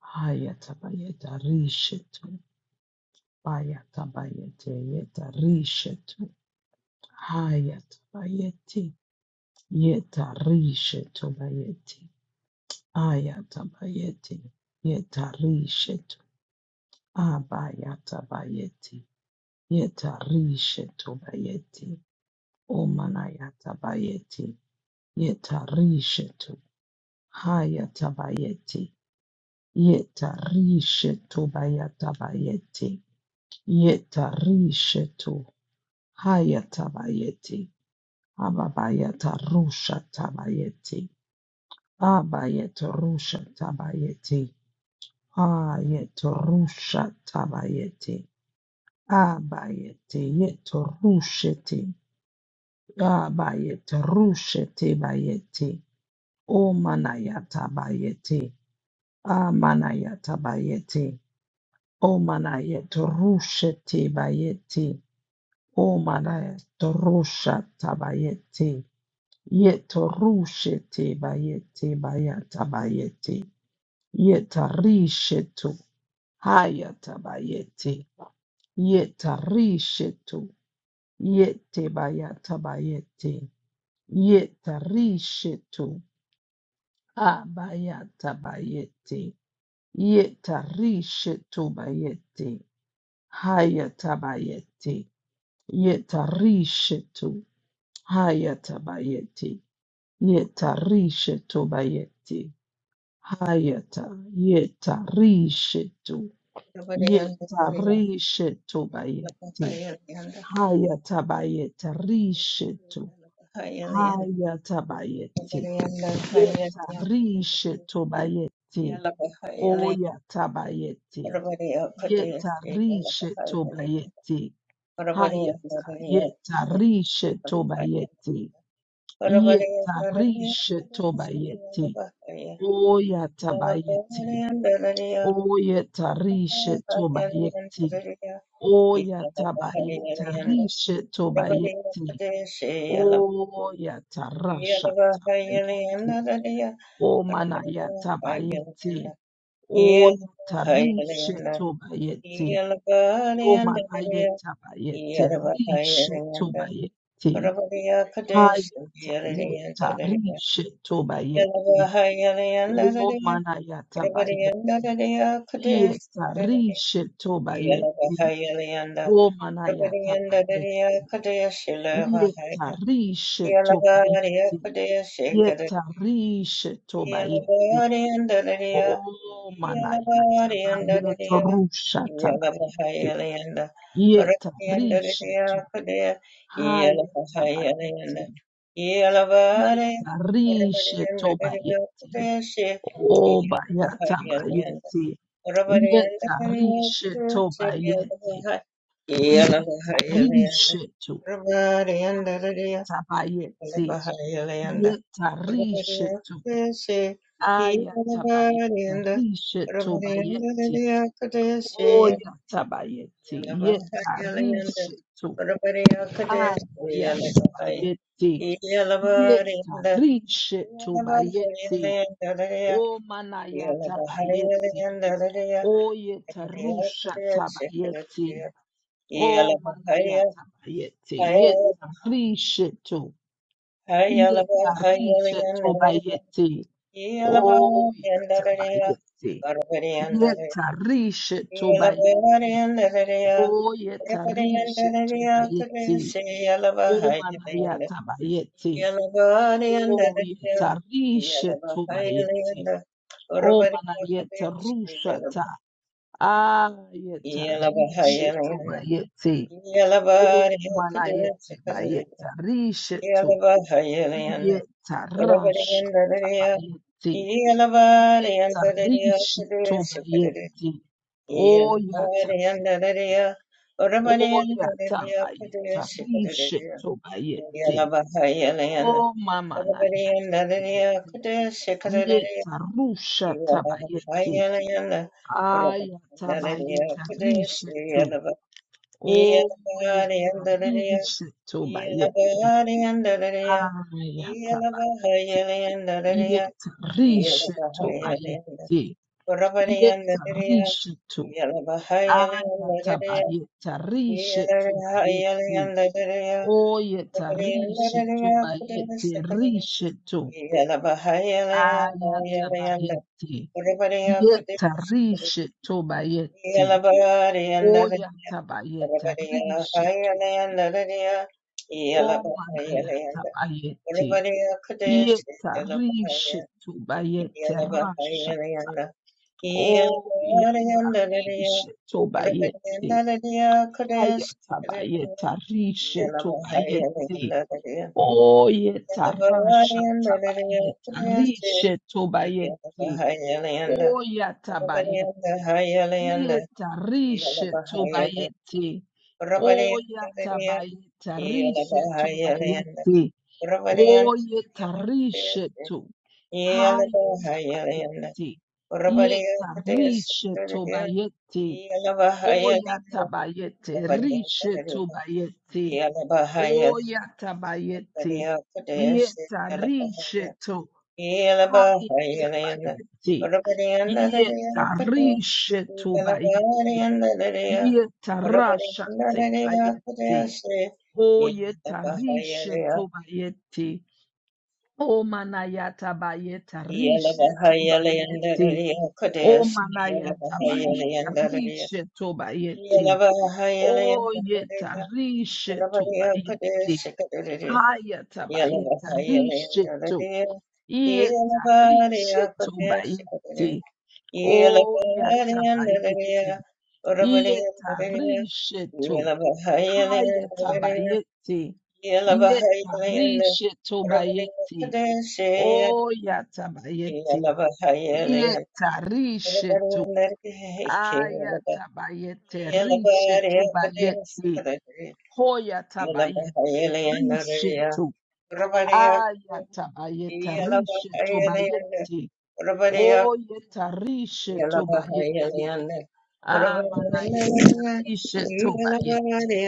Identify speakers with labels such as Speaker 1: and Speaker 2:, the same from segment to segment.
Speaker 1: Hayatabayeta rishetu. Bayatabayete yeta rishetu. Hayatabayeti yeta rishetu bayeti. Ayatabayeti yeta rishetu. Abayatabayeti yeta rishetu bayeti. Omanayatabayeti yeta rishetu. Hayatabayeti yeta rishetu bayatabayeti. Yeta rishetu Hayatabayeti. Ababayata Rusha Tabayeti. Abayeta Rusha Tabayeti. Ayeta Rusha Tabayeti. Abayeti Yeto Rusheti. Abayeta Rusheti Bayeti. Omanayata Bayeti. Amanayata Bayeti. Omanayeta Rusheti Bayeti. Omanayata Rusha Tabayeti. Yetorushete bayete bayata bayete. Yetarishetu hayata bayete. Yetarishetu yete bayata bayete. Yetarishetu abayata bayete. Yetarishetu bayete. Hayata bayete. Yetarishetu hayata bayete. Yetarishetu bayete. Ayata yeta rishetu
Speaker 2: Yalla
Speaker 1: yeta rishetu bayete. hayata bayeta rishetu hayata bayete, yeta rishetu bayete. oyata bayete, yeta rishetu bayete. hayata yeta rishetu bayete, yeta rishetu bayete. oyata bayete. Oya tarishe tobayeti. Oya tabayeta rishe tobayeti. Oya tarasha tabayeti. O manaya tabayeti. Oya tarishe tobayeti. O manaya tabayeti. Rishe
Speaker 2: Yeah.
Speaker 1: tobayeti. Haya tayeta rishe tobayeti. O manaya tabayeti. Yeta rishe tobayeti. O manayata bayeti, yetarishe
Speaker 2: Yalabari
Speaker 1: tobayeti,
Speaker 2: Akadea Shekada
Speaker 1: yetarishe tobayeti,
Speaker 2: Yalabari and
Speaker 1: o
Speaker 2: Dadadia
Speaker 1: manayata
Speaker 2: Yalabari and
Speaker 1: bayeto
Speaker 2: Dadadia
Speaker 1: rusha tabayeti,
Speaker 2: Yalabahayalayanda Barakadi and
Speaker 1: yetarishe to
Speaker 2: Dadadia Akadea
Speaker 1: haya tabayeti,
Speaker 2: Yalabahayalayanda Yalabari Rabari
Speaker 1: yetarishe
Speaker 2: and Dadadia
Speaker 1: tobayeti,
Speaker 2: Akadea Shek
Speaker 1: o bayata
Speaker 2: Yalabahayalayanda
Speaker 1: bayeti,
Speaker 2: Rabari
Speaker 1: yetarishe tobayeti, yetarishe
Speaker 2: and Yeah.
Speaker 1: tabayeti
Speaker 2: Bahayalanda,
Speaker 1: yetarishetu
Speaker 2: Rabadiyakadeshi,
Speaker 1: aya tabayeta
Speaker 2: Yalabadianda,
Speaker 1: rishetu
Speaker 2: Rabadiyanda
Speaker 1: bayeti
Speaker 2: Diyakadeshi,
Speaker 1: oya tabayeti
Speaker 2: Yalabahayalanda,
Speaker 1: yetarishetu
Speaker 2: Rabadiyakadeshi,
Speaker 1: aya
Speaker 2: Yalabahaya,
Speaker 1: tabayeti
Speaker 2: Yalabadianda,
Speaker 1: yetarishetu
Speaker 2: Yalabahayalanda,
Speaker 1: bayeti
Speaker 2: Dadiya,
Speaker 1: o manaya tabayeti
Speaker 2: Yalabahayalanda, Dadiya,
Speaker 1: oye tarusha
Speaker 2: Rabadiyakadeshi,
Speaker 1: tabayeti
Speaker 2: Dadiya,
Speaker 1: o manaya
Speaker 2: Yalabahaya,
Speaker 1: tabayeti yetarishetu Yetarisha
Speaker 2: Hayalabahayalanda,
Speaker 1: tobayete.
Speaker 2: Yeah.
Speaker 1: Oh, yetabayete. Yetarisha tobayete. Oh, yetarisha tobayete. Oh, manayatabayete. Oh, yetarisha tobayete. Oh, manayeta rushata. Ah, yetarisha tobayete. Oh, manayete bayeta rishe to. Yetarasha tabayeti. Yetarishi tobayeti.
Speaker 2: Yeah.
Speaker 1: Oya tabayeti. Oya tabayeta. Rishi tobayeti. O mama na ya tabayeti. Yetarusha tabayeti. Aya tabayeta. Rishi to. O yetarishi tobayeti. Aya tabayeti. Yetarishetu bayeti. Yetarishetu.
Speaker 2: Yeah.
Speaker 1: Ayatabayetarishetu bayeti. Oyetarishetu bayeti. Rishetu. Ayatabayeti. Yetarishetu bayeti. Oyatabayetarishetu bayeti. Omanayatabayeti. Yetarishetu bayeti. rasha. Oh, yetarishe tobayete. Hayatabayeta rishe tobayete. Oh,
Speaker 2: Yeah.
Speaker 1: yetarasha tabayeta rishe tobayete. Oh, yatabayete. Yetarishe tobayete. Oh, yatabayeta rishe tobayete. Oh, yetarishe to. Haya tabayeti. Yeta rishe tobayeti. Oya tabayeti. Rishe tobayeti. Oya tabayeti. Yeta rishe to.
Speaker 2: Yeah.
Speaker 1: Haya tabayeti. Yeta rishe tobayeti. Yeta rasha tebayeti. Oyeta rishe tobayeti. O manayata bayeta rishe tu bayeti. O manayata bayeta rishe tu bayeti. O yeta rishe tu bayeti. Hayata bayeta rishe tu. Yeta rishe tu bayeti. O
Speaker 2: Yeah.
Speaker 1: yata bayeti. Yeta rishe tu. Hayata bayeti. Yeta rishe tu bayeti. Oh, yatabayeti. Yetarishetu. Ayatabayete. Rishetu bayeti. Hoyatabayete. Rishetu. Ayatabayete. Rishetu bayeti. Oh, yetarishetu
Speaker 2: Yellow,
Speaker 1: bayeti. Amanayete. Rishetu bayeti.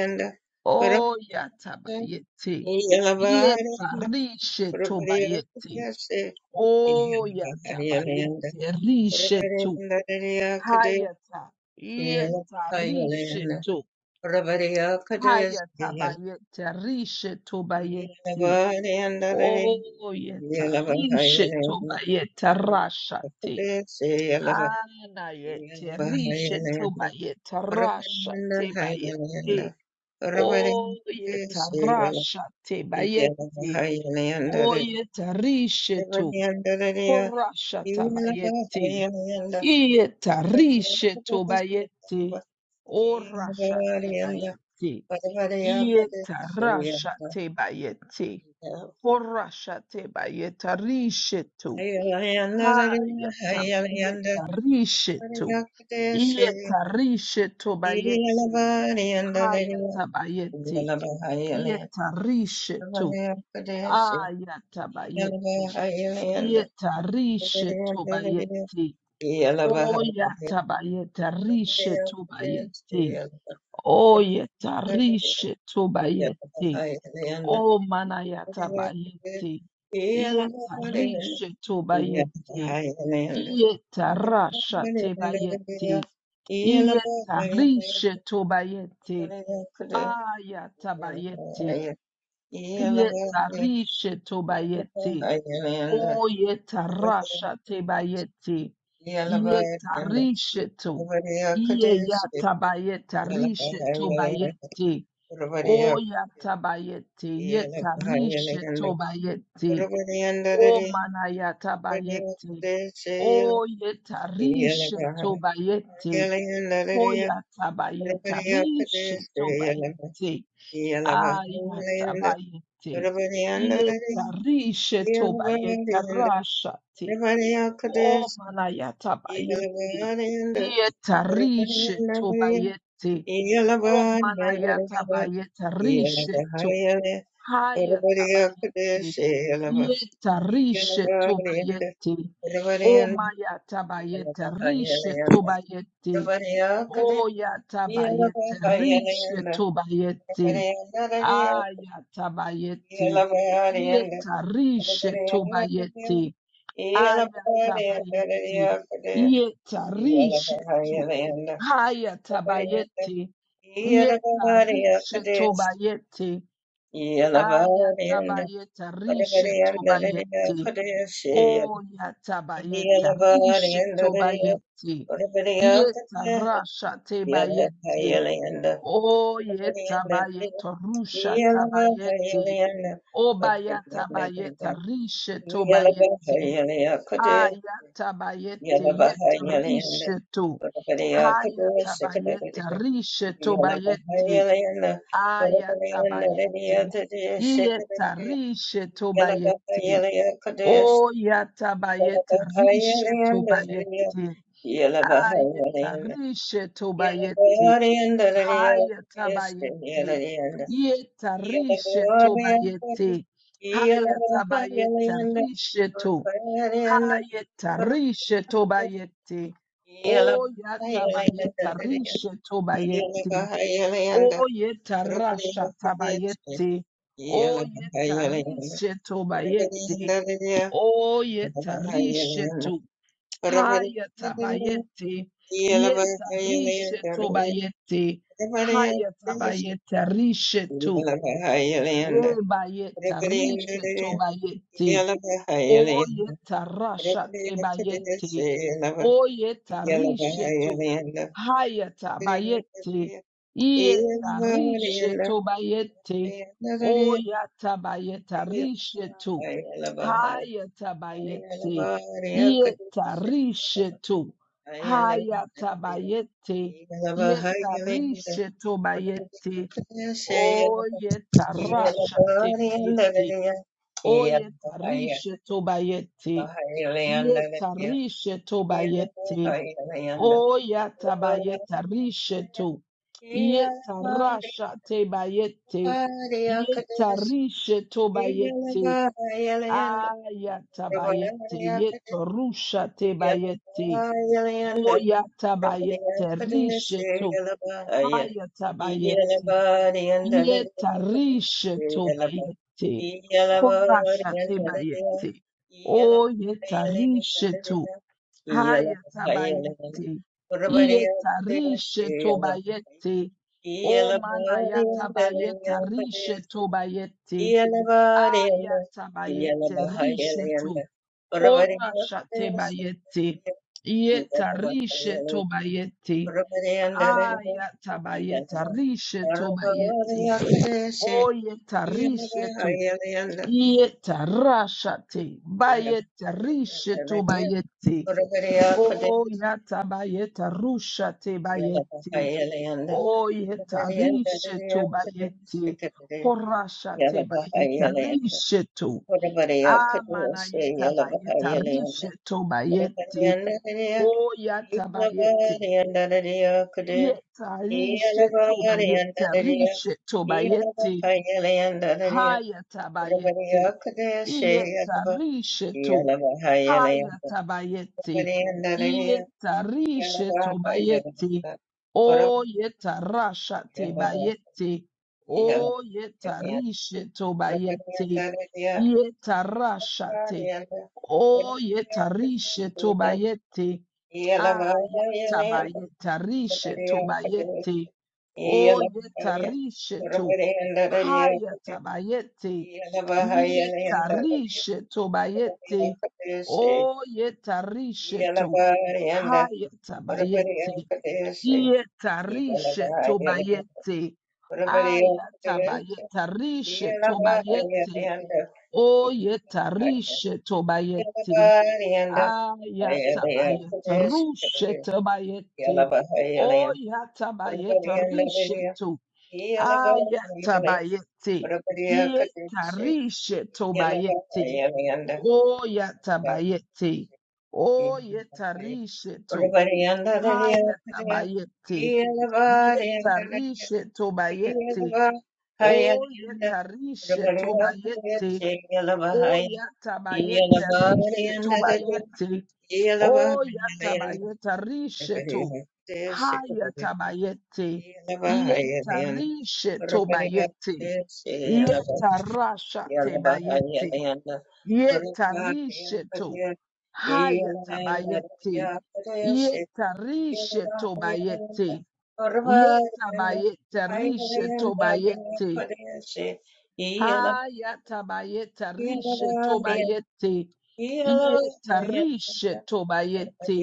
Speaker 1: Oh, yatabayete. Yetarishetu bayeti. Oh, yata ba yete rishetu. Hayata. Yeta rishetu. Hayata ba yete rishetu ba yete. Oh, yeta rishetu ba yete rashate. Ana yete rishetu ba yete
Speaker 2: Parabrahmana
Speaker 1: rashate ba
Speaker 2: Hayanayanda
Speaker 1: yete.
Speaker 2: Parabrahmana
Speaker 1: Oh, yeta
Speaker 2: Suyana
Speaker 1: rashate ba
Speaker 2: Idyalava
Speaker 1: yete.
Speaker 2: Hayanayanda
Speaker 1: Oh, yeta
Speaker 2: Parabrahmana
Speaker 1: rishetu.
Speaker 2: Idyalava
Speaker 1: Horashatabayeti.
Speaker 2: Hayanayanda
Speaker 1: Ieta
Speaker 2: Parabrahmana Parabrahmana Suyana
Speaker 1: rishetobayeti.
Speaker 2: Hayanayanda
Speaker 1: Orashatebayeti.
Speaker 2: Hayanayanda Parabrahmana
Speaker 1: Ieta rasha
Speaker 2: Suyana
Speaker 1: rashatebayeti. Horashatebayeta rishetu.
Speaker 2: Idyalava Hayanayanda Idyalava Hayanayanda
Speaker 1: Hayatabayeta rishetu.
Speaker 2: Parabrahmana Suyana
Speaker 1: Ieta rishetobayeti.
Speaker 2: Yalaba,
Speaker 1: Hayatabayeti. Ieta rishetu. Ayatabayeti.
Speaker 2: Highland,
Speaker 1: Ieta rishe
Speaker 2: Yeah.
Speaker 1: tobayeti. Oyatabayeta rishe tobayete. Oyeta rishe tobayete. O manayatabayete. Yeta rishe tobayete. Yeta rasha tebayete. Yeta rishe tobayete. Ayatabayete. Yeta rishe tobayete. O yetarasha tebayeti. Yetarishetu. Iye
Speaker 2: Yeah.
Speaker 1: yatabayetarishetu bayeti. O yatabayeti. Yetarishetu bayeti. O manayatabayeti. O yetarishetu bayeti. O yatabayetarishetu bayeti. Ayatabayete. Yetarishe tobayeta rashate. O manayatabayete. Yetarishe tobayete. O manayatabayeta rishe to.
Speaker 2: Everybody up to their
Speaker 1: Hayatabayete.
Speaker 2: share, love. Everybody in
Speaker 1: Yetarishe
Speaker 2: everybody up there.
Speaker 1: tobayete.
Speaker 2: Everybody
Speaker 1: O
Speaker 2: in the- everybody in the- love,
Speaker 1: mayatabayeta
Speaker 2: hi,
Speaker 1: rishe
Speaker 2: love.
Speaker 1: tobayete.
Speaker 2: Everybody in the everybody in
Speaker 1: O yatabayete rishe
Speaker 2: the up
Speaker 1: tobayete.
Speaker 2: to their share,
Speaker 1: Ayatabayeti.
Speaker 2: love, hi, love. Everybody in the- love, hi, love. Everybody in the- love, hi,
Speaker 1: Yetarishe
Speaker 2: love. Everybody
Speaker 1: tobayeti.
Speaker 2: in the
Speaker 1: Ayatabayeti. Yetarishe tu.
Speaker 2: everybody up there.
Speaker 1: Hayatabayeti.
Speaker 2: She
Speaker 1: Yetarishe tobayeti.
Speaker 2: Yalla bari
Speaker 1: Ayatabayeta rishe tobayeti. Oyatabayeta rishe
Speaker 2: yalla
Speaker 1: tobayeti.
Speaker 2: Yellow
Speaker 1: Yetarasha tebayeti. Oyetabayeta rusha tabayeti. Obayata bayeta risheto bayeti. Ayata bayete yeta risheto. Hayata bayeta risheto bayeti. Ayata bayeti. Yeta risheto bayeti. Oyata bayeta risheto bayeti. Ayeta risheto
Speaker 2: Yellow
Speaker 1: bayeti.
Speaker 2: glory and the lady of
Speaker 1: Haya
Speaker 2: this, yellow
Speaker 1: tabayeti.
Speaker 2: and the
Speaker 1: Yeta
Speaker 2: yellow
Speaker 1: rishe to
Speaker 2: glory and the
Speaker 1: bayeti. Haya
Speaker 2: yellow
Speaker 1: tabayeta
Speaker 2: and the
Speaker 1: rishe to.
Speaker 2: glory and the
Speaker 1: Haya tarishe to bayeti.
Speaker 2: yellow
Speaker 1: O yata bayeta rishe to bayeti. O yeta rasha tabayeti. O yeta
Speaker 2: and
Speaker 1: rishe to bayeti. O yeta rishe to. Haya tabayete, yeta rishe tobayete, haya
Speaker 2: the
Speaker 1: tabayete rishe to,
Speaker 2: Yala Bahayalanda,
Speaker 1: rebayete
Speaker 2: Rebrianda,
Speaker 1: rishe tobayete,
Speaker 2: yala, Bahayalanda,
Speaker 1: Oyeta rasha
Speaker 2: Rebrianda,
Speaker 1: tebayete.
Speaker 2: Silava,
Speaker 1: Oyeta
Speaker 2: Yala
Speaker 1: rishetu.
Speaker 2: Bahayalanda,
Speaker 1: Hayata
Speaker 2: Rebrianda,
Speaker 1: bayete.
Speaker 2: yala,
Speaker 1: Ieta
Speaker 2: Bahayalanda,
Speaker 1: rishetu bayete.
Speaker 2: Yala
Speaker 1: Oyata bayeta rishetu.
Speaker 2: Bahayalanda,
Speaker 1: Hayata bayete.
Speaker 2: yala,
Speaker 1: Ieta
Speaker 2: Bahayalanda,
Speaker 1: rishetu. Hayata
Speaker 2: Yala
Speaker 1: bayete. Ieta rishetu bayete. Oyeta rasha te bayete.
Speaker 2: Yeah.
Speaker 1: Oyetarishe tobayete. Yetarishe tobayete. Oyatabayetarishe to. Yetarasha tebayete.
Speaker 2: Hallelujah.
Speaker 1: Yetarishe tobayete. Ayatabayete. Yetorusha tebayete.
Speaker 2: Yeah.
Speaker 1: Oyatabayete rishe to. Hayatabayete. Yetarishe tobayete. Horasha tebayete. O yetarishe tu. Haya tabayete. Yetarishe tobayete. O mana yatabayeta rishe tobayete. Aya tabayete rishe tu. Horasha tebayete. Yetarishe tobayete.
Speaker 2: Yeah.
Speaker 1: Aya tabayeta rishe tobayete. Oyetarishetu, yetarashate, bayetarishetu bayete, oyatabayetarushate bayete, oyetarishetu bayete, horashate bayetarishetu, amanayeta bayetarishetu bayete, oyatabayete, yetarishetu
Speaker 2: Yalabariyandadariya,
Speaker 1: bayetarishetu bayete,
Speaker 2: Yalabahayalayandarariya,
Speaker 1: hayatabayete,
Speaker 2: Urvariyakadeshayalaba,
Speaker 1: Yetarishetu
Speaker 2: Yalabahayalayanda,
Speaker 1: hayatabayeti.
Speaker 2: Urvariyandadariya,
Speaker 1: Yetarishetu bayeti.
Speaker 2: Yalabahayalayanda,
Speaker 1: O yetarashate
Speaker 2: Urvariyashayalaba,
Speaker 1: bayeti. O
Speaker 2: Yalabahayalayanda,
Speaker 1: yetarishetu bayeti.
Speaker 2: Urvariyandadariya,
Speaker 1: Yetarashate.
Speaker 2: Yalabahariyanda,
Speaker 1: O yetarishetu
Speaker 2: Urvariyakadeshayalaba,
Speaker 1: bayeti.
Speaker 2: Yalabahayalayanda, Urvariyakadeshayalaba,
Speaker 1: Ayatabayetarishetu bayeti. O yetarishetu. Haya
Speaker 2: Yalabahayalayanda,
Speaker 1: tabayete.
Speaker 2: Yeah.
Speaker 1: Yetarishe tobayete. O yetarishe to. Haya tabayete. Yetarishe tobayete. Aya tabayete. Rishe tobayete. O yetarishe tobayete. Aya tabayete. Rushe tobayete. O yatabayete. Rishe to. Ayatabayete. Yetarishe tobayete. Oyatabayete. Oyetarishe
Speaker 2: Yeah.
Speaker 1: to. Hayatabayete. Yetarishe tobayete. Oyetarishe tobayete. Oyatabayete rishe tobayete. O yatabayeta risheto. Hayatabayete. Yeta risheto bayete. Yeta rashate bayete. Yeta risheto. Hayatabayete. Yeta
Speaker 2: Yeah,
Speaker 1: risheto bayete. Yeta bayete risheto bayete. Hayatabayete risheto bayete. Yeta risheto bayete.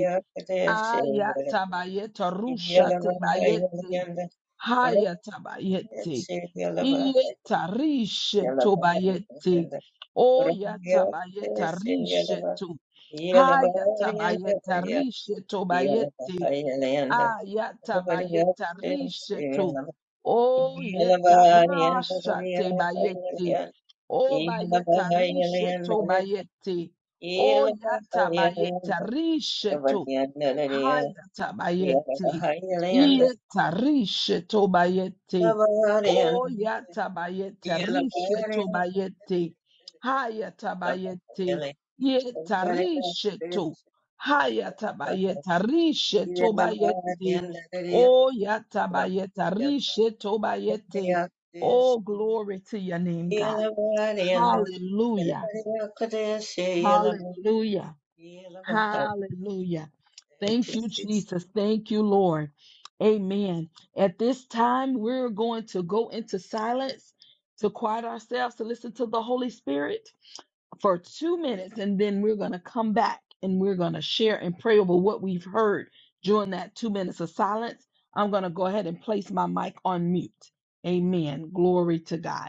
Speaker 1: Ayatabayeta rushate bayete. Hayatabayete. Ieta rishe tobayete. Oyatabayeta rishe to. Hayatabayeta rishe tobayete. Ayatabayeta rishe to.
Speaker 2: Yes.
Speaker 1: Oyeta rasha tebayete. Obayeta rishe tobayete. Oyatabayeta rishe to. Haya tabayeti. Ieta rishe tobayeti. Oya tabayete rishe tobayeti. Haya tabayeti. Ieta rishe to. Haya tabayeta rishe tobayeti. Oya tabayeta rishe tobayeti. Oh, glory to your name, God. Hallelujah. Hallelujah. Hallelujah.
Speaker 2: Thank
Speaker 1: Thank you, Jesus. Thank you, Lord. Amen. At this time, we're going to go into silence to quiet ourselves to listen to the Holy Spirit for two minutes, and then we're going to come back and we're going to share and pray over what we've heard during that two minutes of silence. I'm going to go ahead and place my mic on mute. Amen. Glory to God.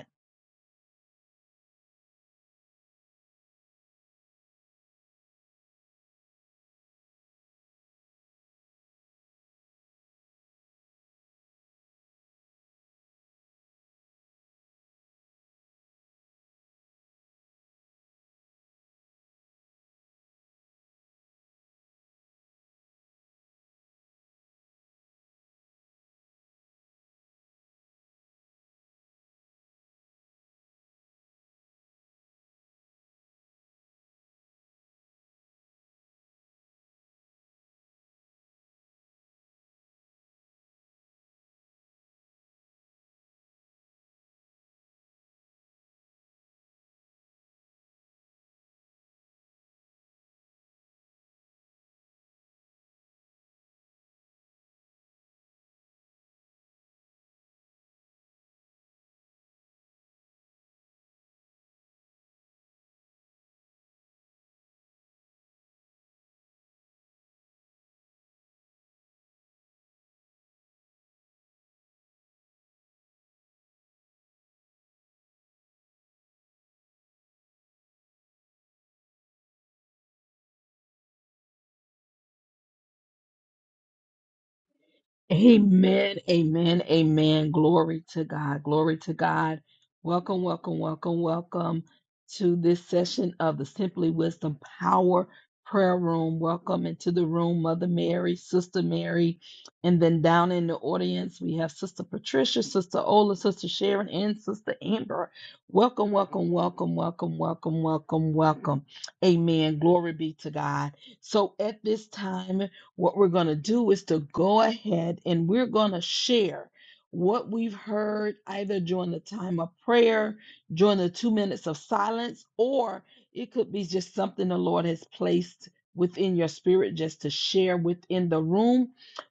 Speaker 1: Amen, amen, amen. Glory to God, glory to God. Welcome, welcome, welcome, welcome to this session of the Simply Wisdom Power Prayer Room. Welcome into the room, Mother Mary, Sister Mary, and then down in the audience, we have Sister Patricia, Sister Ola, Sister Sharon, and Sister Amber. Welcome, welcome, welcome, welcome, welcome, welcome, welcome. Amen. Glory be to God. So at this time, what we're going to do is to go ahead and we're going to share what we've heard either during the time of prayer, during the two minutes of silence, or it could be just something the Lord has placed within your spirit just to share within the room.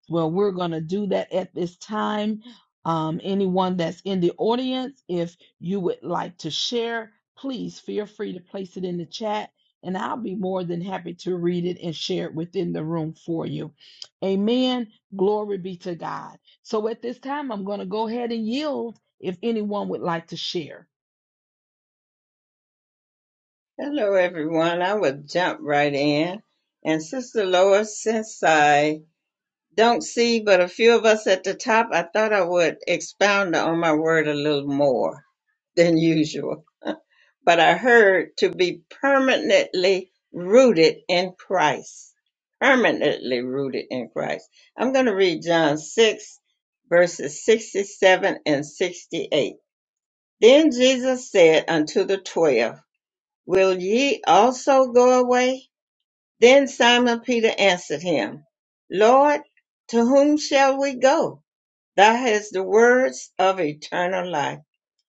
Speaker 1: Well, we're going to do that at this time. Um, anyone that's in the audience, if you would like to share, please feel free to place it in the chat and I'll be more than happy to read it and share it within the room for you. Amen. Glory be to God. So at this time, I'm going to go ahead and yield if anyone would like to share.
Speaker 2: Hello, everyone. I will jump right in. And Sister Lois, since I don't see but a few of us at the top, I thought I would expound on my word a little more than usual. But I heard to be permanently rooted in Christ. Permanently rooted in Christ. I'm going to read John 6, verses 67 and 68. Then Jesus said unto the twelve, Will ye also go away? Then Simon Peter answered him, Lord, to whom shall we go? Thou hast the words of eternal life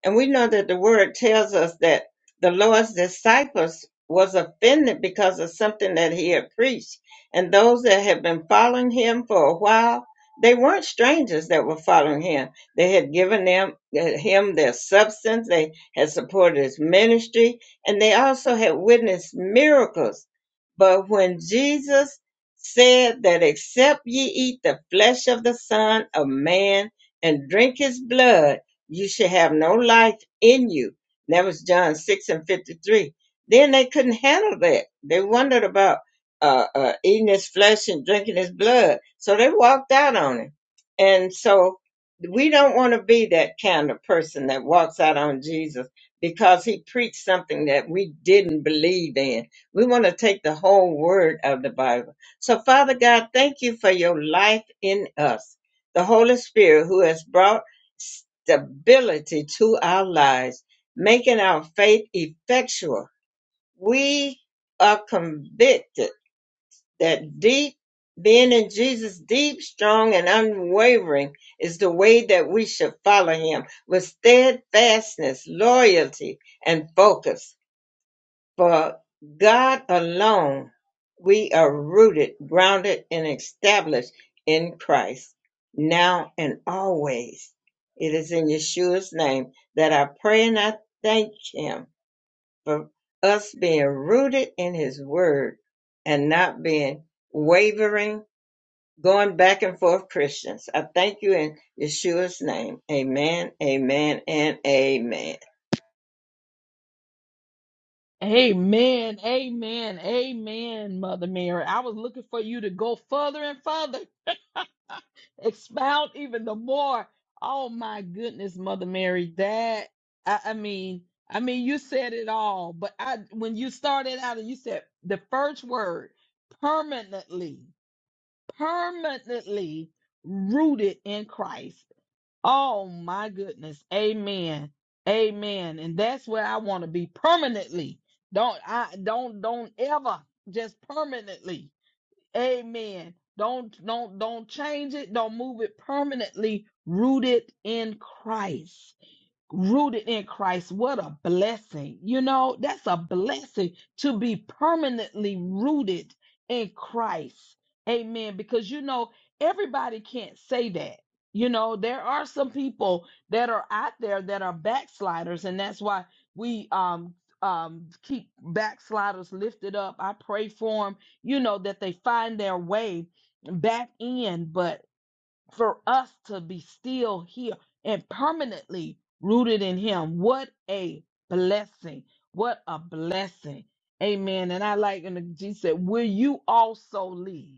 Speaker 2: and we know that the word tells us that the Lord's disciples was offended because of something that he had preached. And those that had been following him for a while, they weren't strangers that were following him. They had given them uh, him their substance, they had supported his ministry, and they also had witnessed miracles. But when Jesus said that except ye eat the flesh of the Son of Man and drink his blood, you should have no life in you. And that was John 6 and 53. Then they couldn't handle that. They wondered about uh, uh, eating his flesh and drinking his blood. So they walked out on him. And so we don't want to be that kind of person that walks out on Jesus because he preached something that we didn't believe in. We want to take the whole word of the Bible. So, Father God, thank you for your life in us, the Holy Spirit who has brought stability to our lives, making our faith effectual. We are convicted that deep being in Jesus, deep, strong, and unwavering is the way that we should follow him with steadfastness, loyalty, and focus for God alone we are rooted, grounded, and established in Christ now and always. It is in Yeshua's name that I pray and I thank Him for us being rooted in His Word and not being wavering, going back and forth Christians. I thank you in Yeshua's name. Amen, amen, and amen.
Speaker 1: Amen. Amen. Amen, Mother Mary. I was looking for you to go further and further, expound even the more. Oh my goodness, Mother Mary. That I, I mean, I mean, you said it all. But I, when you started out and you said the first word, permanently. permanently rooted in Christ. Oh my goodness. Amen. Amen. And that's where I want to be permanently. Don't I don't don't ever just permanently. Amen. Don't don't don't change it. Don't move it permanently rooted in Christ rooted in Christ. What a blessing. You know, that's a blessing to be permanently rooted in Christ. Amen. Because, you know, everybody can't say that. You know, there are some people that are out there that are backsliders, and that's why we um um keep backsliders lifted up. I pray for them, you know, that they find their way back in. but for us to be still here and permanently rooted in him. What a blessing. What a blessing. Amen. And I like, and Jesus said, Will you also leave?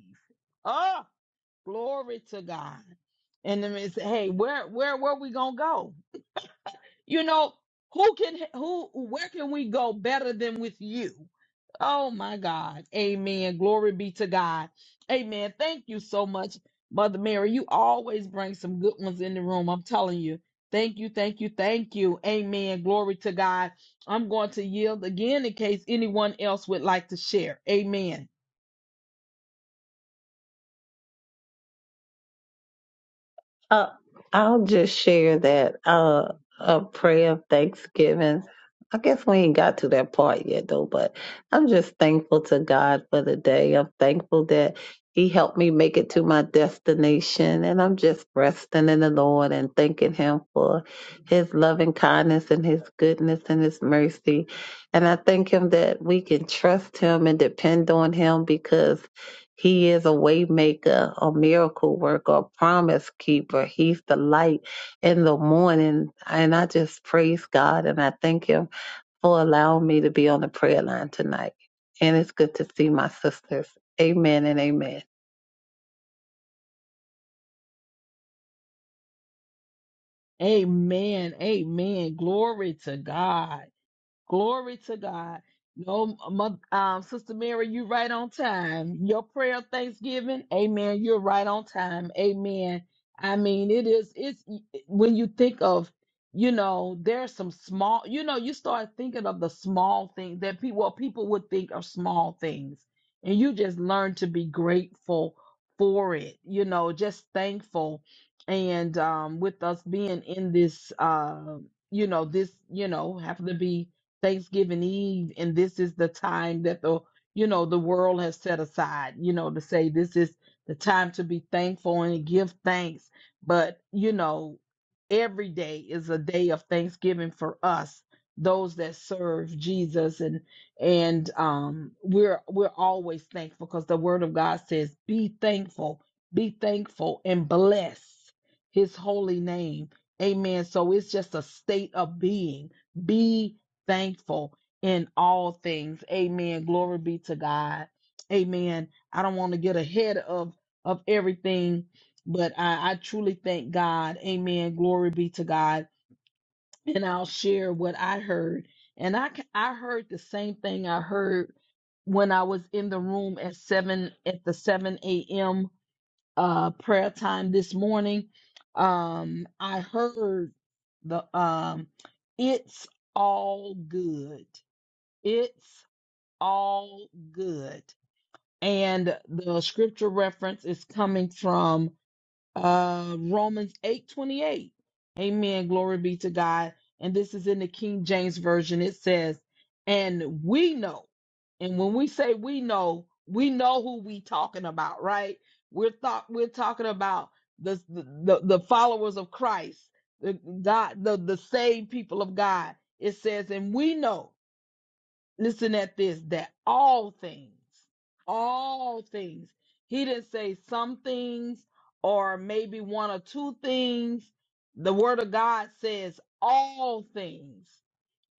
Speaker 1: Oh, glory to God. And then it said, Hey, where where where we gonna go? You know, who can who where can we go better than with you? Oh my God. Amen. Glory be to God. Amen. Thank you so much, Mother Mary. You always bring some good ones in the room. I'm telling you. Thank you. Thank you. Thank you. Amen. Glory to God. I'm going to yield again in case anyone else would like to share. Amen.
Speaker 3: Uh, I'll just share that uh, a prayer of thanksgiving. I guess we ain't got to that part yet, though, but I'm just thankful to God for the day. I'm thankful that He helped me make it to my destination, and I'm just resting in the Lord and thanking Him for His loving kindness and His goodness and His mercy. And I thank Him that we can trust Him and depend on Him because he is a waymaker, a miracle worker, a promise keeper. He's the light in the morning. And I just praise God and I thank him for allowing me to be on the prayer line tonight. And it's good to see my sisters. Amen and amen.
Speaker 1: Amen. Amen. Glory to God. Glory to God. No, mo- um, Sister Mary, you right on time. Your prayer of thanksgiving, amen. You're right on time. Amen. I mean, it is, it's when you think of, you know, there's some small, you know, you start thinking of the small things that people, well, people would think are small things. And you just learn to be grateful for it, you know, just thankful. And um, with us being in this, uh, you know, this, you know, happen to be Thanksgiving Eve, and this is the time that the you know the world has set aside, you know, to say this is the time to be thankful and give thanks. But you know, every day is a day of thanksgiving for us, those that serve Jesus, and and um, we're we're always thankful because the Word of God says, "Be thankful, be thankful, and bless His holy name." Amen. So it's just a state of being. Be thankful in all things. Amen. Glory be to God. Amen. I don't want to get ahead of of everything, but I, I truly thank God. Amen. Glory be to God. And I'll share what I heard. And I ca- I heard the same thing I heard when I was in the room at seven at the seven a.m. uh prayer time this morning. Um, I heard the um, it's all good it's all good. And the scripture reference is coming from uh, Romans 8:28. Amen. Glory be to God. And this is in the King James version. It says, "And we know." And when we say we know, we know who we talking about, right? We're thought we're talking about the the, the followers of Christ, the God, the the saved people of God. It says, "And we know." listen at this that all things all things he didn't say some things or maybe one or two things the word of god says all things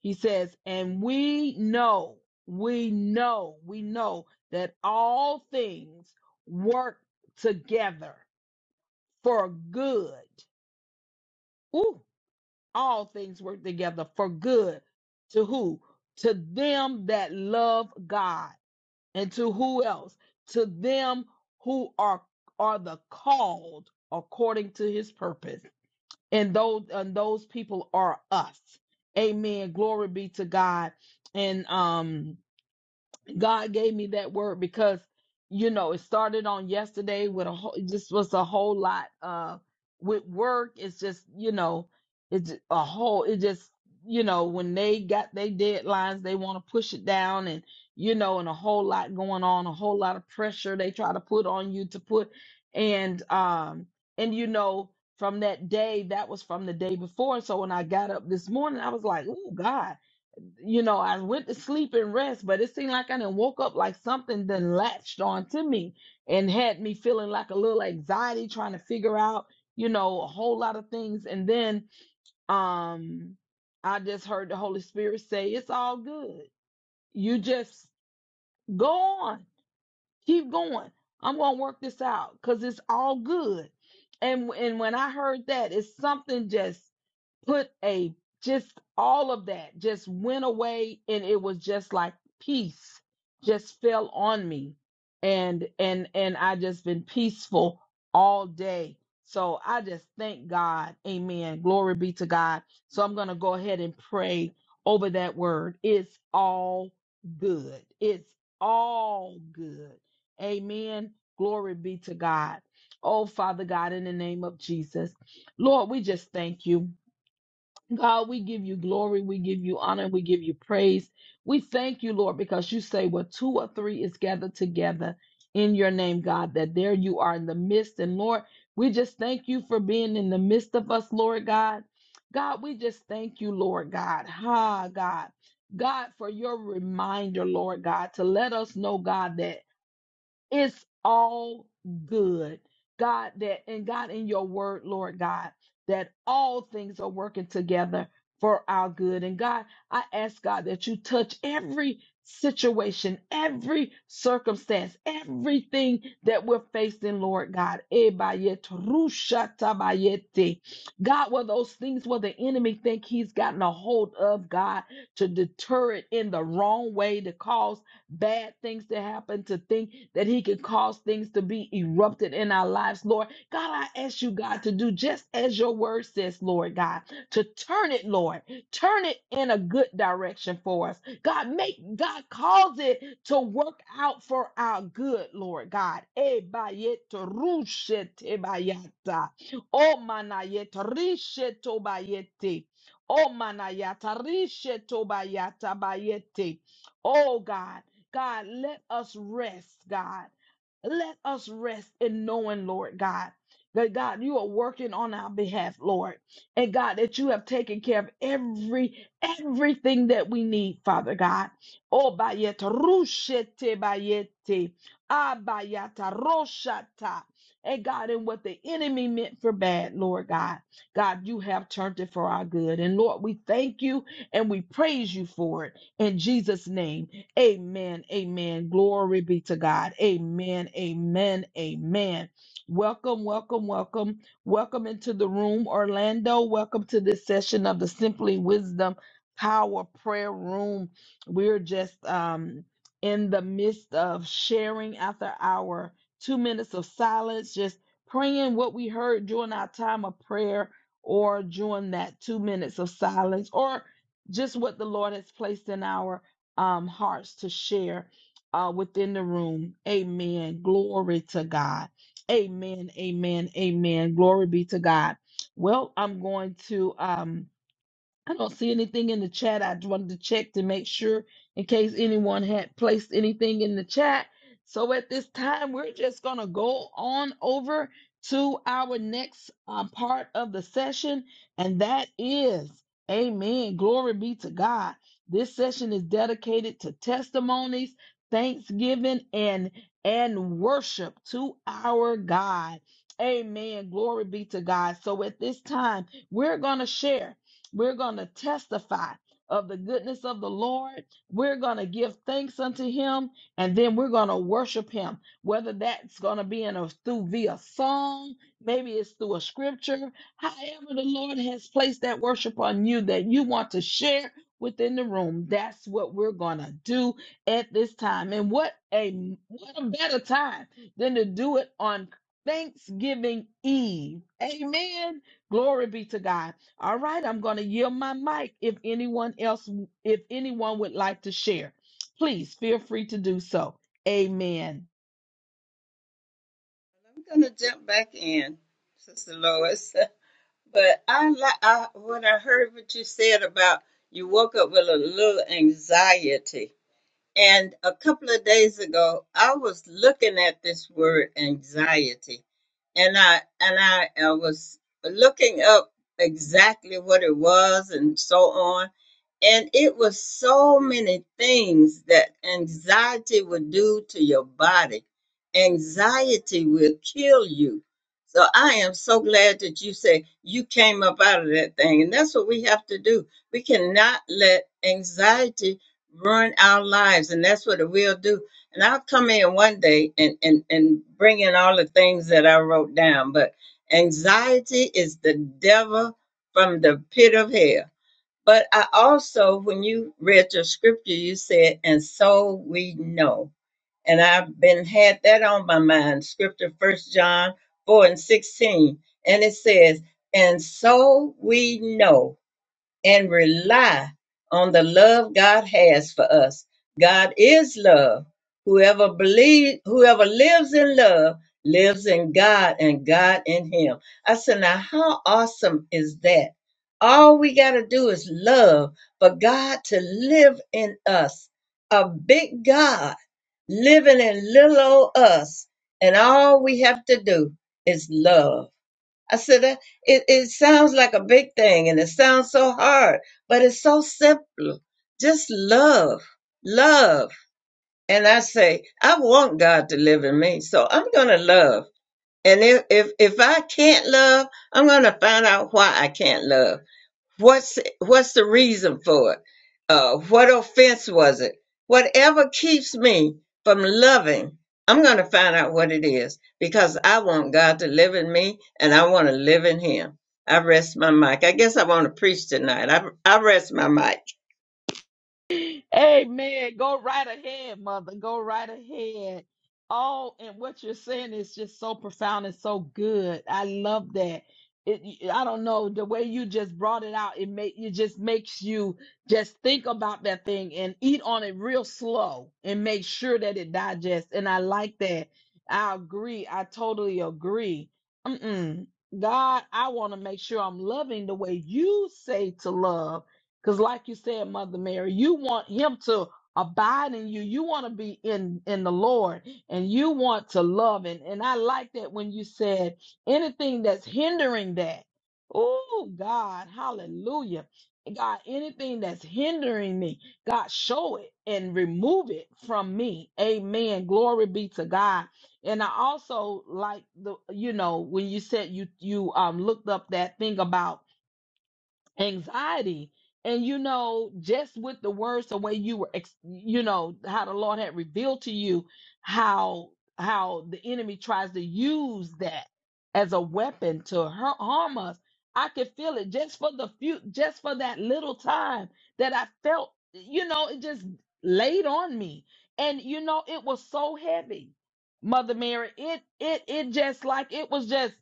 Speaker 1: he says and we know we know we know that all things work together for good Ooh, all things work together for good to who to them that love god and to who else to them who are are the called according to his purpose and those and those people are us amen glory be to god and um God gave me that word because you know it started on yesterday with a whole it just was a whole lot uh with work it's just you know it's a whole it just you know when they got their deadlines they want to push it down and you know and a whole lot going on a whole lot of pressure they try to put on you to put and um and you know from that day that was from the day before so when I got up this morning I was like oh God you know, I went to sleep and rest, but it seemed like I didn't woke up like something then latched onto me and had me feeling like a little anxiety trying to figure out, you know, a whole lot of things. And then um I just heard the Holy Spirit say, It's all good. You just go on, keep going. I'm gonna work this out because it's all good. And and when I heard that, it's something just put a just all of that just went away and it was just like peace just fell on me and and and I just been peaceful all day. So I just thank God. Amen. Glory be to God. So I'm going to go ahead and pray over that word. It's all good. It's all good. Amen. Glory be to God. Oh, Father God, in the name of Jesus, Lord, we just thank you. God, we give you glory, we give you honor, we give you praise. We thank you, Lord, because you say where two or three is gathered together in your name, God, that there you are in the midst. And Lord, we just thank you for being in the midst of us, Lord God. God, we just thank you, Lord God. Ha, God. God, for your reminder, Lord God, to let us know, God, that. It's all good. God, that and God in your word, Lord God, that all things are working together for our good. And God, I ask God that you touch every situation, every circumstance, everything that we're facing, Lord God. Ebayet rushatabayete. God, were those things where the enemy think he's gotten a hold of, God, to deter it in the wrong way, to cause bad things to happen, to think that He can cause things to be erupted in our lives, Lord. God, I ask you, God, to do just as your word says, Lord God, to turn it, Lord, turn it in a good direction for us. God, make God cause it to work out for our good, Lord God. Eh, ba, ye, to, ru, she, te, ba, ya, ta. Oh, manayeta risheto bayete. Oh, manayata risheto bayata bayete. Oh, God. God, let us rest, God. Let us rest in knowing, Lord God, that God, you are working on our behalf, Lord. And God, that you have taken care of every everything that we need, Father God. Oh bayeta rushete bayete. Abayata roshata. And God, and what the enemy meant for bad, Lord God. God, you have turned it for our good. And Lord, we thank you and we praise you for it in Jesus' name. Amen. Amen. Glory be to God. Amen. Amen. Amen. Welcome, welcome, welcome. Welcome into the room, Orlando. Welcome to this session of the Simply Wisdom Power Prayer Room. We're just um, in the midst of sharing after our two minutes of silence, just praying what we heard during our time of prayer or during that two minutes of silence or just what the Lord has placed in our um, hearts to share uh, within the room. Amen. Glory to God. Amen. Amen. Amen. Glory be to God. Well, I'm going to. Um, I don't see anything in the chat. I wanted to check to make sure in case anyone had placed anything in the chat. So at this time, we're just going to go on over to our next um, part of the session, and that is Amen. Glory be to God. This session is dedicated to testimonies, thanksgiving, and and worship to our God. Amen. Glory be to God. So at this time, we're going to share. We're going to testify of the goodness of the Lord. We're going to give thanks unto him and then we're going to worship him. Whether that's going to be in a through via song, maybe it's through a scripture, however the Lord has placed that worship on you that you want to share within the room. That's what we're going to do at this time. And what a what a better time than to do it on Thanksgiving Eve. Amen. Glory be to God. All right, I'm going to yield my mic. If anyone else, if anyone would like to share, please feel free to do so. Amen.
Speaker 2: I'm going to jump back in, Sister Lois. But I, li- I what I heard what you said about you woke up with a little anxiety, and a couple of days ago, I was looking at this word anxiety, and I and I, I was looking up exactly what it was and so on. And it was so many things that anxiety would do to your body. Anxiety will kill you. So I am so glad that you say you came up out of that thing. And that's what we have to do. We cannot let anxiety run our lives and that's what it will do and i'll come in one day and and and bring in all the things that i wrote down but anxiety is the devil from the pit of hell but i also when you read your scripture you said and so we know and i've been had that on my mind scripture first john 4 and 16 and it says and so we know and rely on the love God has for us. God is love. Whoever believes, whoever lives in love lives in God and God in him. I said, now how awesome is that? All we got to do is love for God to live in us. A big God living in little old us. And all we have to do is love I said, "That- it, it sounds like a big thing and it sounds so hard, but it's so simple. Just love, love. And I say, I want God to live in me, so I'm going to love. And if, if, if I can't love, I'm going to find out why I can't love What's what's the reason for it? Uh, what offense was it? Whatever keeps me from loving, I'm going to find out what it is because I want God to live in me and I want to live in Him. I rest my mic. I guess I want to preach tonight. I I rest my mic.
Speaker 1: Amen. Go right ahead, mother. Go right ahead. Oh, and what you're saying is just so profound and so good. I love that. It, I don't know the way you just brought it out. It make it just makes you just think about that thing and eat on it real slow and make sure that it digests. And I like that. I agree. I totally agree. Mm-mm. God, I want to make sure I'm loving the way you say to love because, like you said, Mother Mary, you want him to abide in you. You want to be in in the Lord, and you want to love. And and I like that when you said anything that's hindering that. Oh God, Hallelujah, God, anything that's hindering me, God, show it and remove it from me. Amen. Glory be to God. And I also like the you know when you said you you um looked up that thing about anxiety. And you know, just with the words, the way you were, ex- you know, how the Lord had revealed to you how how the enemy tries to use that as a weapon to har- harm us. I could feel it just for the few, just for that little time that I felt, you know, it just laid on me, and you know, it was so heavy, Mother Mary. It it it just like it was just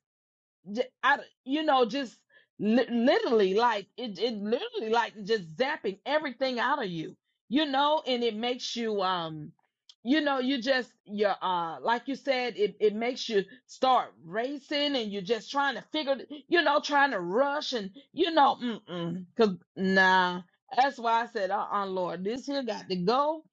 Speaker 1: j- I, d- you know, just li- literally like it, it literally like just zapping everything out of you, you know, and it makes you, um, you know, you just, you're, uh, like you said, it, it makes you start racing and you're just trying to figure, th- you know, trying to rush and, you know, mm-mm, cause nah, that's why I said, uh-uh, Lord, this here got to go.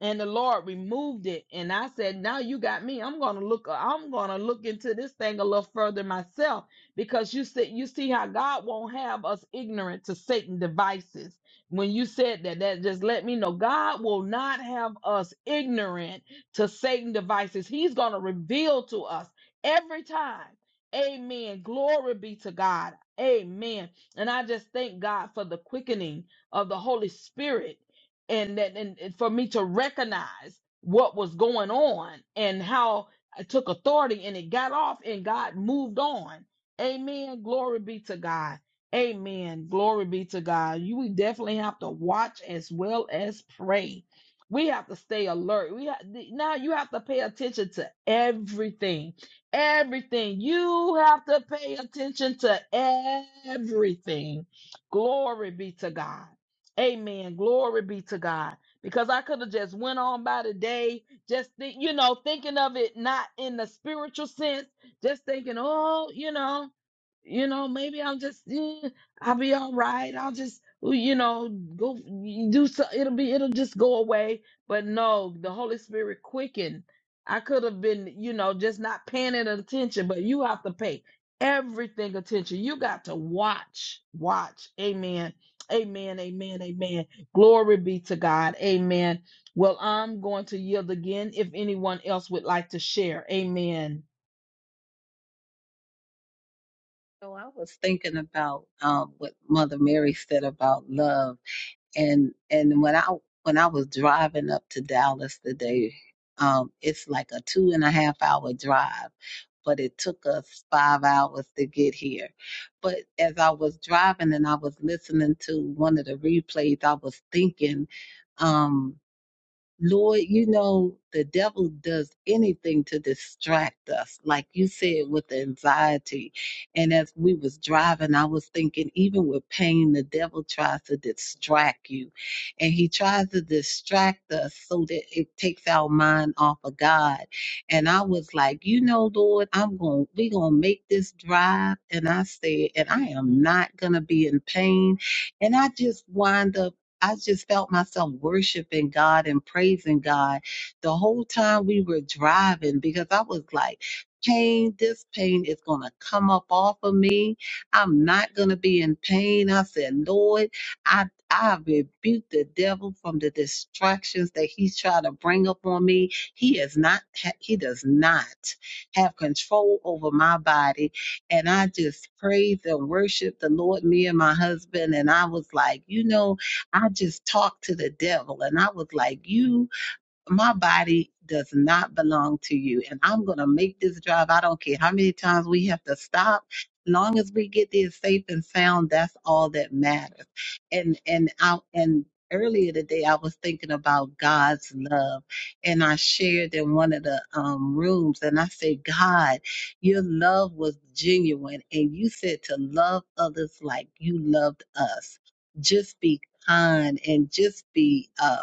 Speaker 1: And the Lord removed it. And I said, now you got me. I'm going to look, I'm going to look into this thing a little further myself because you see, you see how God won't have us ignorant to Satan devices. When you said that, that just let me know God will not have us ignorant to Satan devices. He's going to reveal to us every time. Amen. Glory be to God. Amen. And I just thank God for the quickening of the Holy Spirit and that and and for me to recognize what was going on and how I took authority and it got off and God moved on Amen. Glory be to God. Amen. Glory be to God. You we definitely have to watch as well as pray. We have to stay alert. We have, now you have to pay attention to everything. Everything. You have to pay attention to everything. Glory be to God. Amen. Glory be to God. Because I could have just went on by the day, just think, you know, thinking of it not in the spiritual sense just thinking, oh, you know, you know, maybe I'll just, eh, I'll be all right. I'll just, you know, go do so. It'll be, it'll just go away. But no, the Holy Spirit quickened. I could have been, you know, just not paying it attention, but you have to pay everything attention. You got to watch, watch. Amen. Amen. Amen. Amen. Glory be to God. Amen. Well, I'm going to yield again if anyone else would like to share. Amen.
Speaker 3: So I was thinking about um, what Mother Mary said about love and and when I when I was driving up to Dallas today, um, it's like a two and a half hour drive, but it took us five hours to get here. But as I was driving and I was listening to one of the replays, I was thinking, um. Lord, you know, the devil does anything to distract us, like you said, with the anxiety. And as we was driving, I was thinking, even with pain, the devil tries to distract you. And he tries to distract us so that it takes our mind off of God. And I was like, you know, Lord, I'm going we're going to we gonna make this drive. And I said, and I am not gonna be in pain. And I just wind up I just felt myself worshiping God and praising God the whole time we were driving because I was like, pain, this pain is going to come up off of me. I'm not going to be in pain. I said, Lord, I, I rebuke the devil from the distractions that he's trying to bring up on me. He is not, he does not have control over my body. And I just praised and worshiped the Lord, me and my husband. And I was like, you know, I just talked to the devil and I was like, You my body does not belong to you. And I'm going to make this drive. I don't care how many times we have to stop. Long as we get there safe and sound, that's all that matters. And, and out, and earlier today, I was thinking about God's love and I shared in one of the um, rooms and I said, God, your love was genuine. And you said to love others like you loved us. Just be kind and just be, um,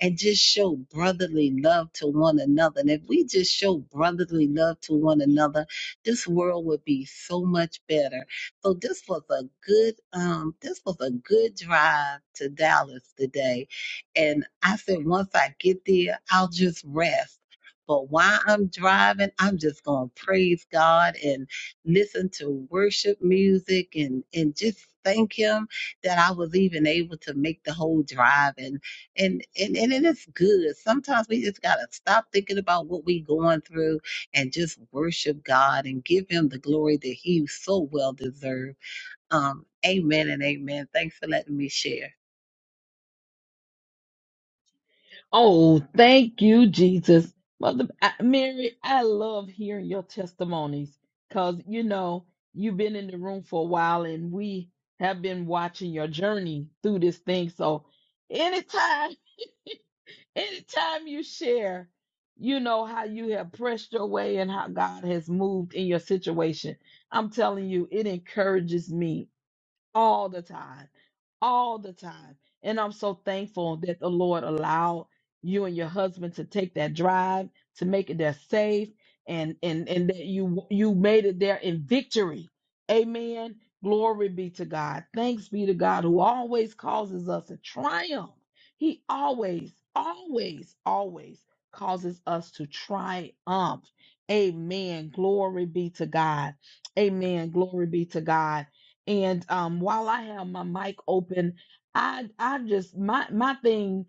Speaker 3: and just show brotherly love to one another. And if we just show brotherly love to one another, this world would be so much better. So this was a good um this was a good drive to Dallas today. And I said once I get there, I'll just rest. But while I'm driving, I'm just gonna praise God and listen to worship music and and just thank him that I was even able to make the whole drive. And and, and and it is good. Sometimes we just gotta stop thinking about what we going through and just worship God and give Him the glory that He so well deserves. Um, amen and amen. Thanks for letting me share.
Speaker 1: Oh, thank you, Jesus. Mother I- Mary, I love hearing your testimonies because, you know, you've been in the room for a while and we have been watching your journey through this thing. So, anytime, anytime you share, you know, how you have pressed your way and how God has moved in your situation, I'm telling you, it encourages me all the time, all the time. And I'm so thankful that the Lord allowed you and your husband to take that drive to make it there safe and and and that you you made it there in victory. Amen. Glory be to God. Thanks be to God who always causes us to triumph. He always, always, always causes us to triumph. Amen. Glory be to God. Amen. Glory be to God. And um, while I have my mic open, I I just my my thing,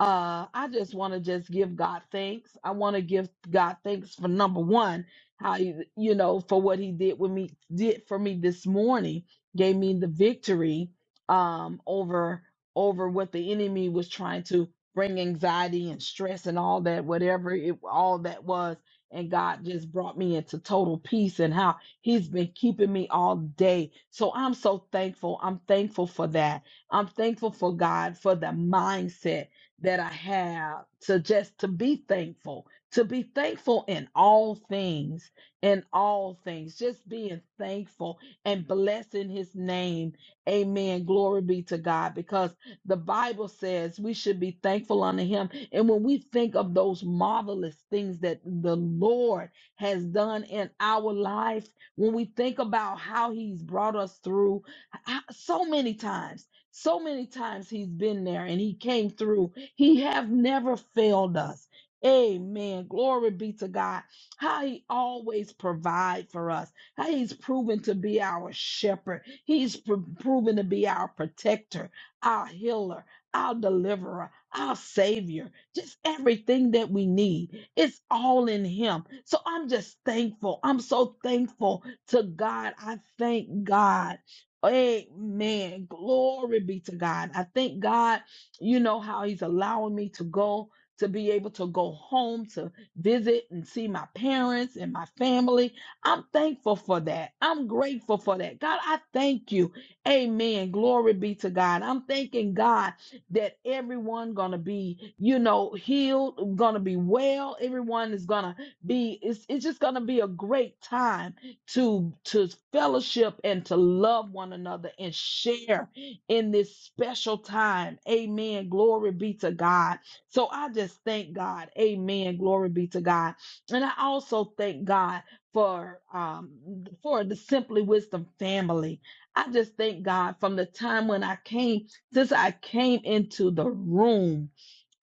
Speaker 1: uh, I just want to just give God thanks. I want to give God thanks for number one, how you you know for what He did with me did for me this morning, gave me the victory um over over what the enemy was trying to bring anxiety and stress and all that whatever it all that was and God just brought me into total peace and how He's been keeping me all day. So I'm so thankful. I'm thankful for that. I'm thankful for God for the mindset that I have to just to be thankful, to be thankful in all things, in all things, just being thankful and blessing his name. Amen. Glory be to God because the Bible says we should be thankful unto him. And when we think of those marvelous things that the Lord has done in our life, when we think about how he's brought us through h- so many times, so many times he's been there and he came through. He have never failed us. Amen. Glory be to God. How he always provide for us. How he's proven to be our shepherd. He's pr- proven to be our protector, our healer, our deliverer, our savior. Just everything that we need. It's all in him. So I'm just thankful. I'm so thankful to God. I thank God. Amen. Glory be to God. I thank God, you know, how He's allowing me to go to be able to go home to visit and see my parents and my family. I'm thankful for that. I'm grateful for that. God, I thank you. Amen. Glory be to God. I'm thanking God that everyone gonna be, you know, healed, gonna be well. Everyone is gonna be, it's, it's just gonna be a great time to to fellowship and to love one another and share in this special time. Amen. Glory be to God. So I just thank God. Amen. Glory be to God. And I also thank God for um for the Simply Wisdom family. I just thank God from the time when I came since I came into the room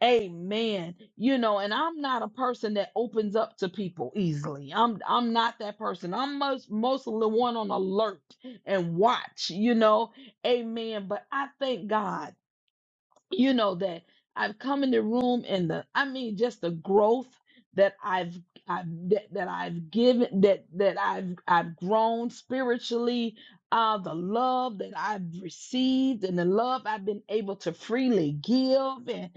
Speaker 1: Amen. You know, and I'm not a person that opens up to people easily. I'm I'm not that person. I'm most mostly the one on alert and watch, you know. Amen. But I thank God you know that I've come in the room and the I mean just the growth that I've I've that, that I've given that that I've I've grown spiritually uh the love that I've received and the love I've been able to freely give and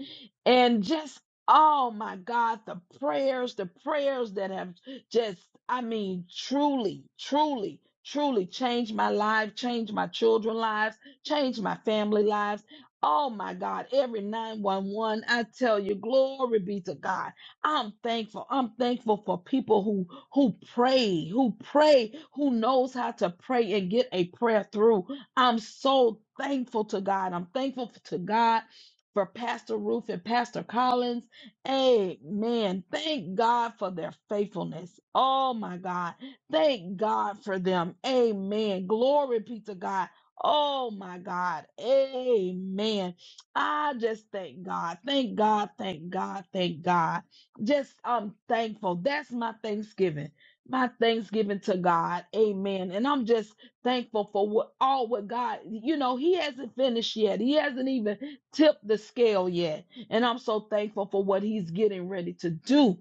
Speaker 1: and just oh my God the prayers the prayers that have just I mean truly truly truly changed my life changed my children's lives changed my family lives Oh my God, every 911, I tell you, glory be to God. I'm thankful. I'm thankful for people who who pray, who pray, who knows how to pray and get a prayer through. I'm so thankful to God. I'm thankful to God for Pastor Ruth and Pastor Collins. Amen. Thank God for their faithfulness. Oh my God. Thank God for them. Amen. Glory be to God. Oh my God. Amen. I just thank God. Thank God. Thank God. Thank God. Just I'm thankful. That's my Thanksgiving. My Thanksgiving to God. Amen. And I'm just thankful for what all what God, you know, He hasn't finished yet. He hasn't even tipped the scale yet. And I'm so thankful for what He's getting ready to do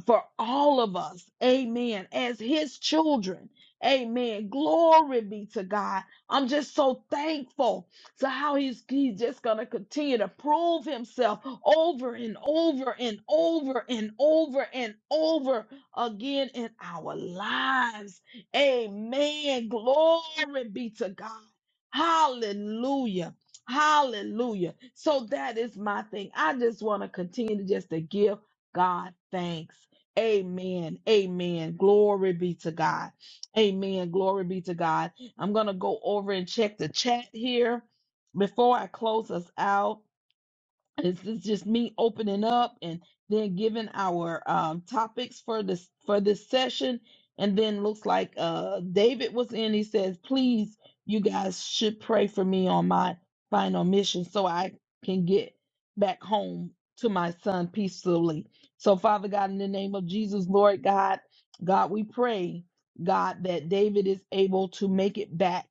Speaker 1: for all of us. Amen. As his children. Amen. Glory be to God. I'm just so thankful to how he's, he's just going to continue to prove himself over and over and over and over and over again in our lives. Amen. Glory be to God. Hallelujah. Hallelujah. So that is my thing. I just want to continue to just to give God thanks. Amen. Amen. Glory be to God. Amen. Glory be to God. I'm going to go over and check the chat here before I close us out. This is just me opening up and then giving our um, topics for this for this session. And then looks like uh, David was in. He says, "Please, you guys should pray for me on my final mission, so I can get back home to my son peacefully." So, Father God, in the name of Jesus, Lord God, God, we pray, God, that David is able to make it back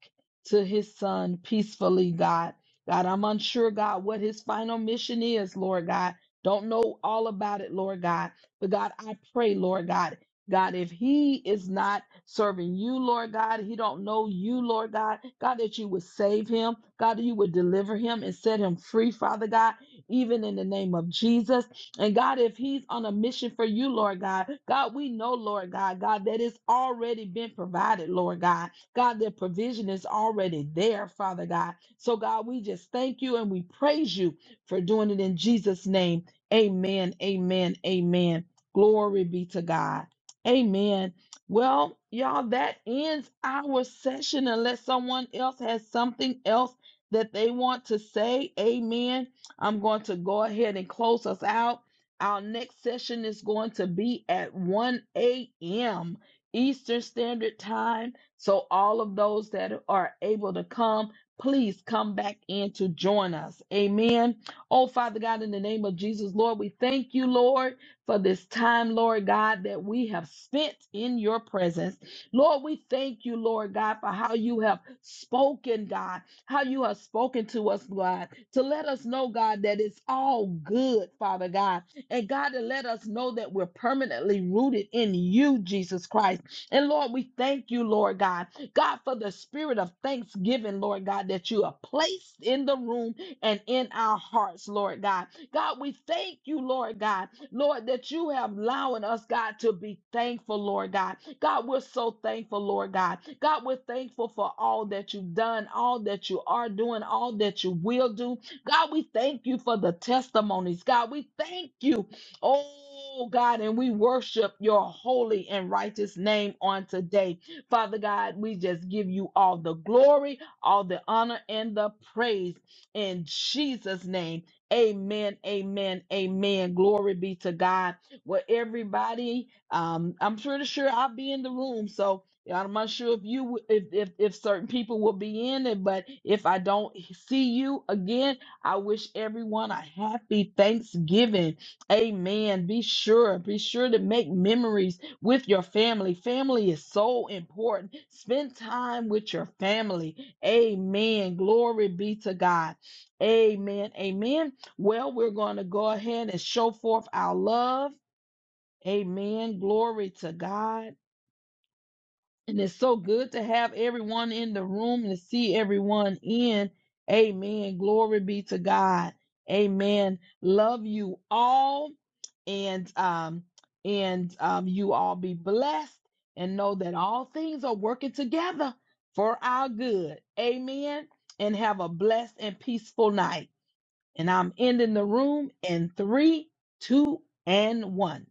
Speaker 1: to his son peacefully, God. God, I'm unsure, God, what his final mission is, Lord God. Don't know all about it, Lord God. But God, I pray, Lord God, God, if he is not serving you, Lord God, he don't know you, Lord God, God, that you would save him, God, that you would deliver him and set him free, Father God, even in the name of Jesus. And God, if he's on a mission for you, Lord God, God, we know, Lord God, God, that it's already been provided, Lord God. God, that provision is already there, Father God. So, God, we just thank you and we praise you for doing it in Jesus' name. Amen. Amen. Amen. Glory be to God. Amen. Well, y'all, that ends our session unless someone else has something else that they want to say. Amen. I'm going to go ahead and close us out. Our next session is going to be at 1 a.m. Eastern Standard Time. So, all of those that are able to come, please come back in to join us. Amen. Oh, Father God, in the name of Jesus, Lord, we thank you, Lord, for this time, Lord God, that we have spent in your presence. Lord, we thank you, Lord God, for how you have spoken, God, how you have spoken to us, God, to let us know, God, that it's all good, Father God. And God, to let us know that we're permanently rooted in you, Jesus Christ. And Lord, we thank you, Lord God, God, for the spirit of thanksgiving, Lord God, that you have placed in the room and in our hearts, Lord God. God, we thank you, Lord God, Lord, that you have allowing us, God, to be thankful, Lord God. God, we're so thankful, Lord God. God, we're thankful for all that you've done, all that you are doing, all that you will do. God, we thank you for the testimonies. God, we thank you Oh God, and we worship your holy and righteous name on today. Father God, we just give you all the glory, all the honor, and the praise in Jesus' name. Amen, amen, amen. Glory be to God. Well, everybody, um, I'm pretty sure I'll be in the room. So I'm not sure if you w- if, if if certain people will be in it, but if I don't see you again, I wish everyone a happy Thanksgiving. Amen. Be sure, be sure to make memories with your family. Family is so important. Spend time with your family. Amen. Glory be to God. Amen. Amen. Well, we're going to go ahead and show forth our love. Amen. Glory to God. And it's so good to have everyone in the room and to see everyone in. Amen. Glory be to God. Amen. Love you all. And um and um you all be blessed and know that all things are working together for our good. Amen. And have a blessed and peaceful night. And I'm ending the room in three, two, and one.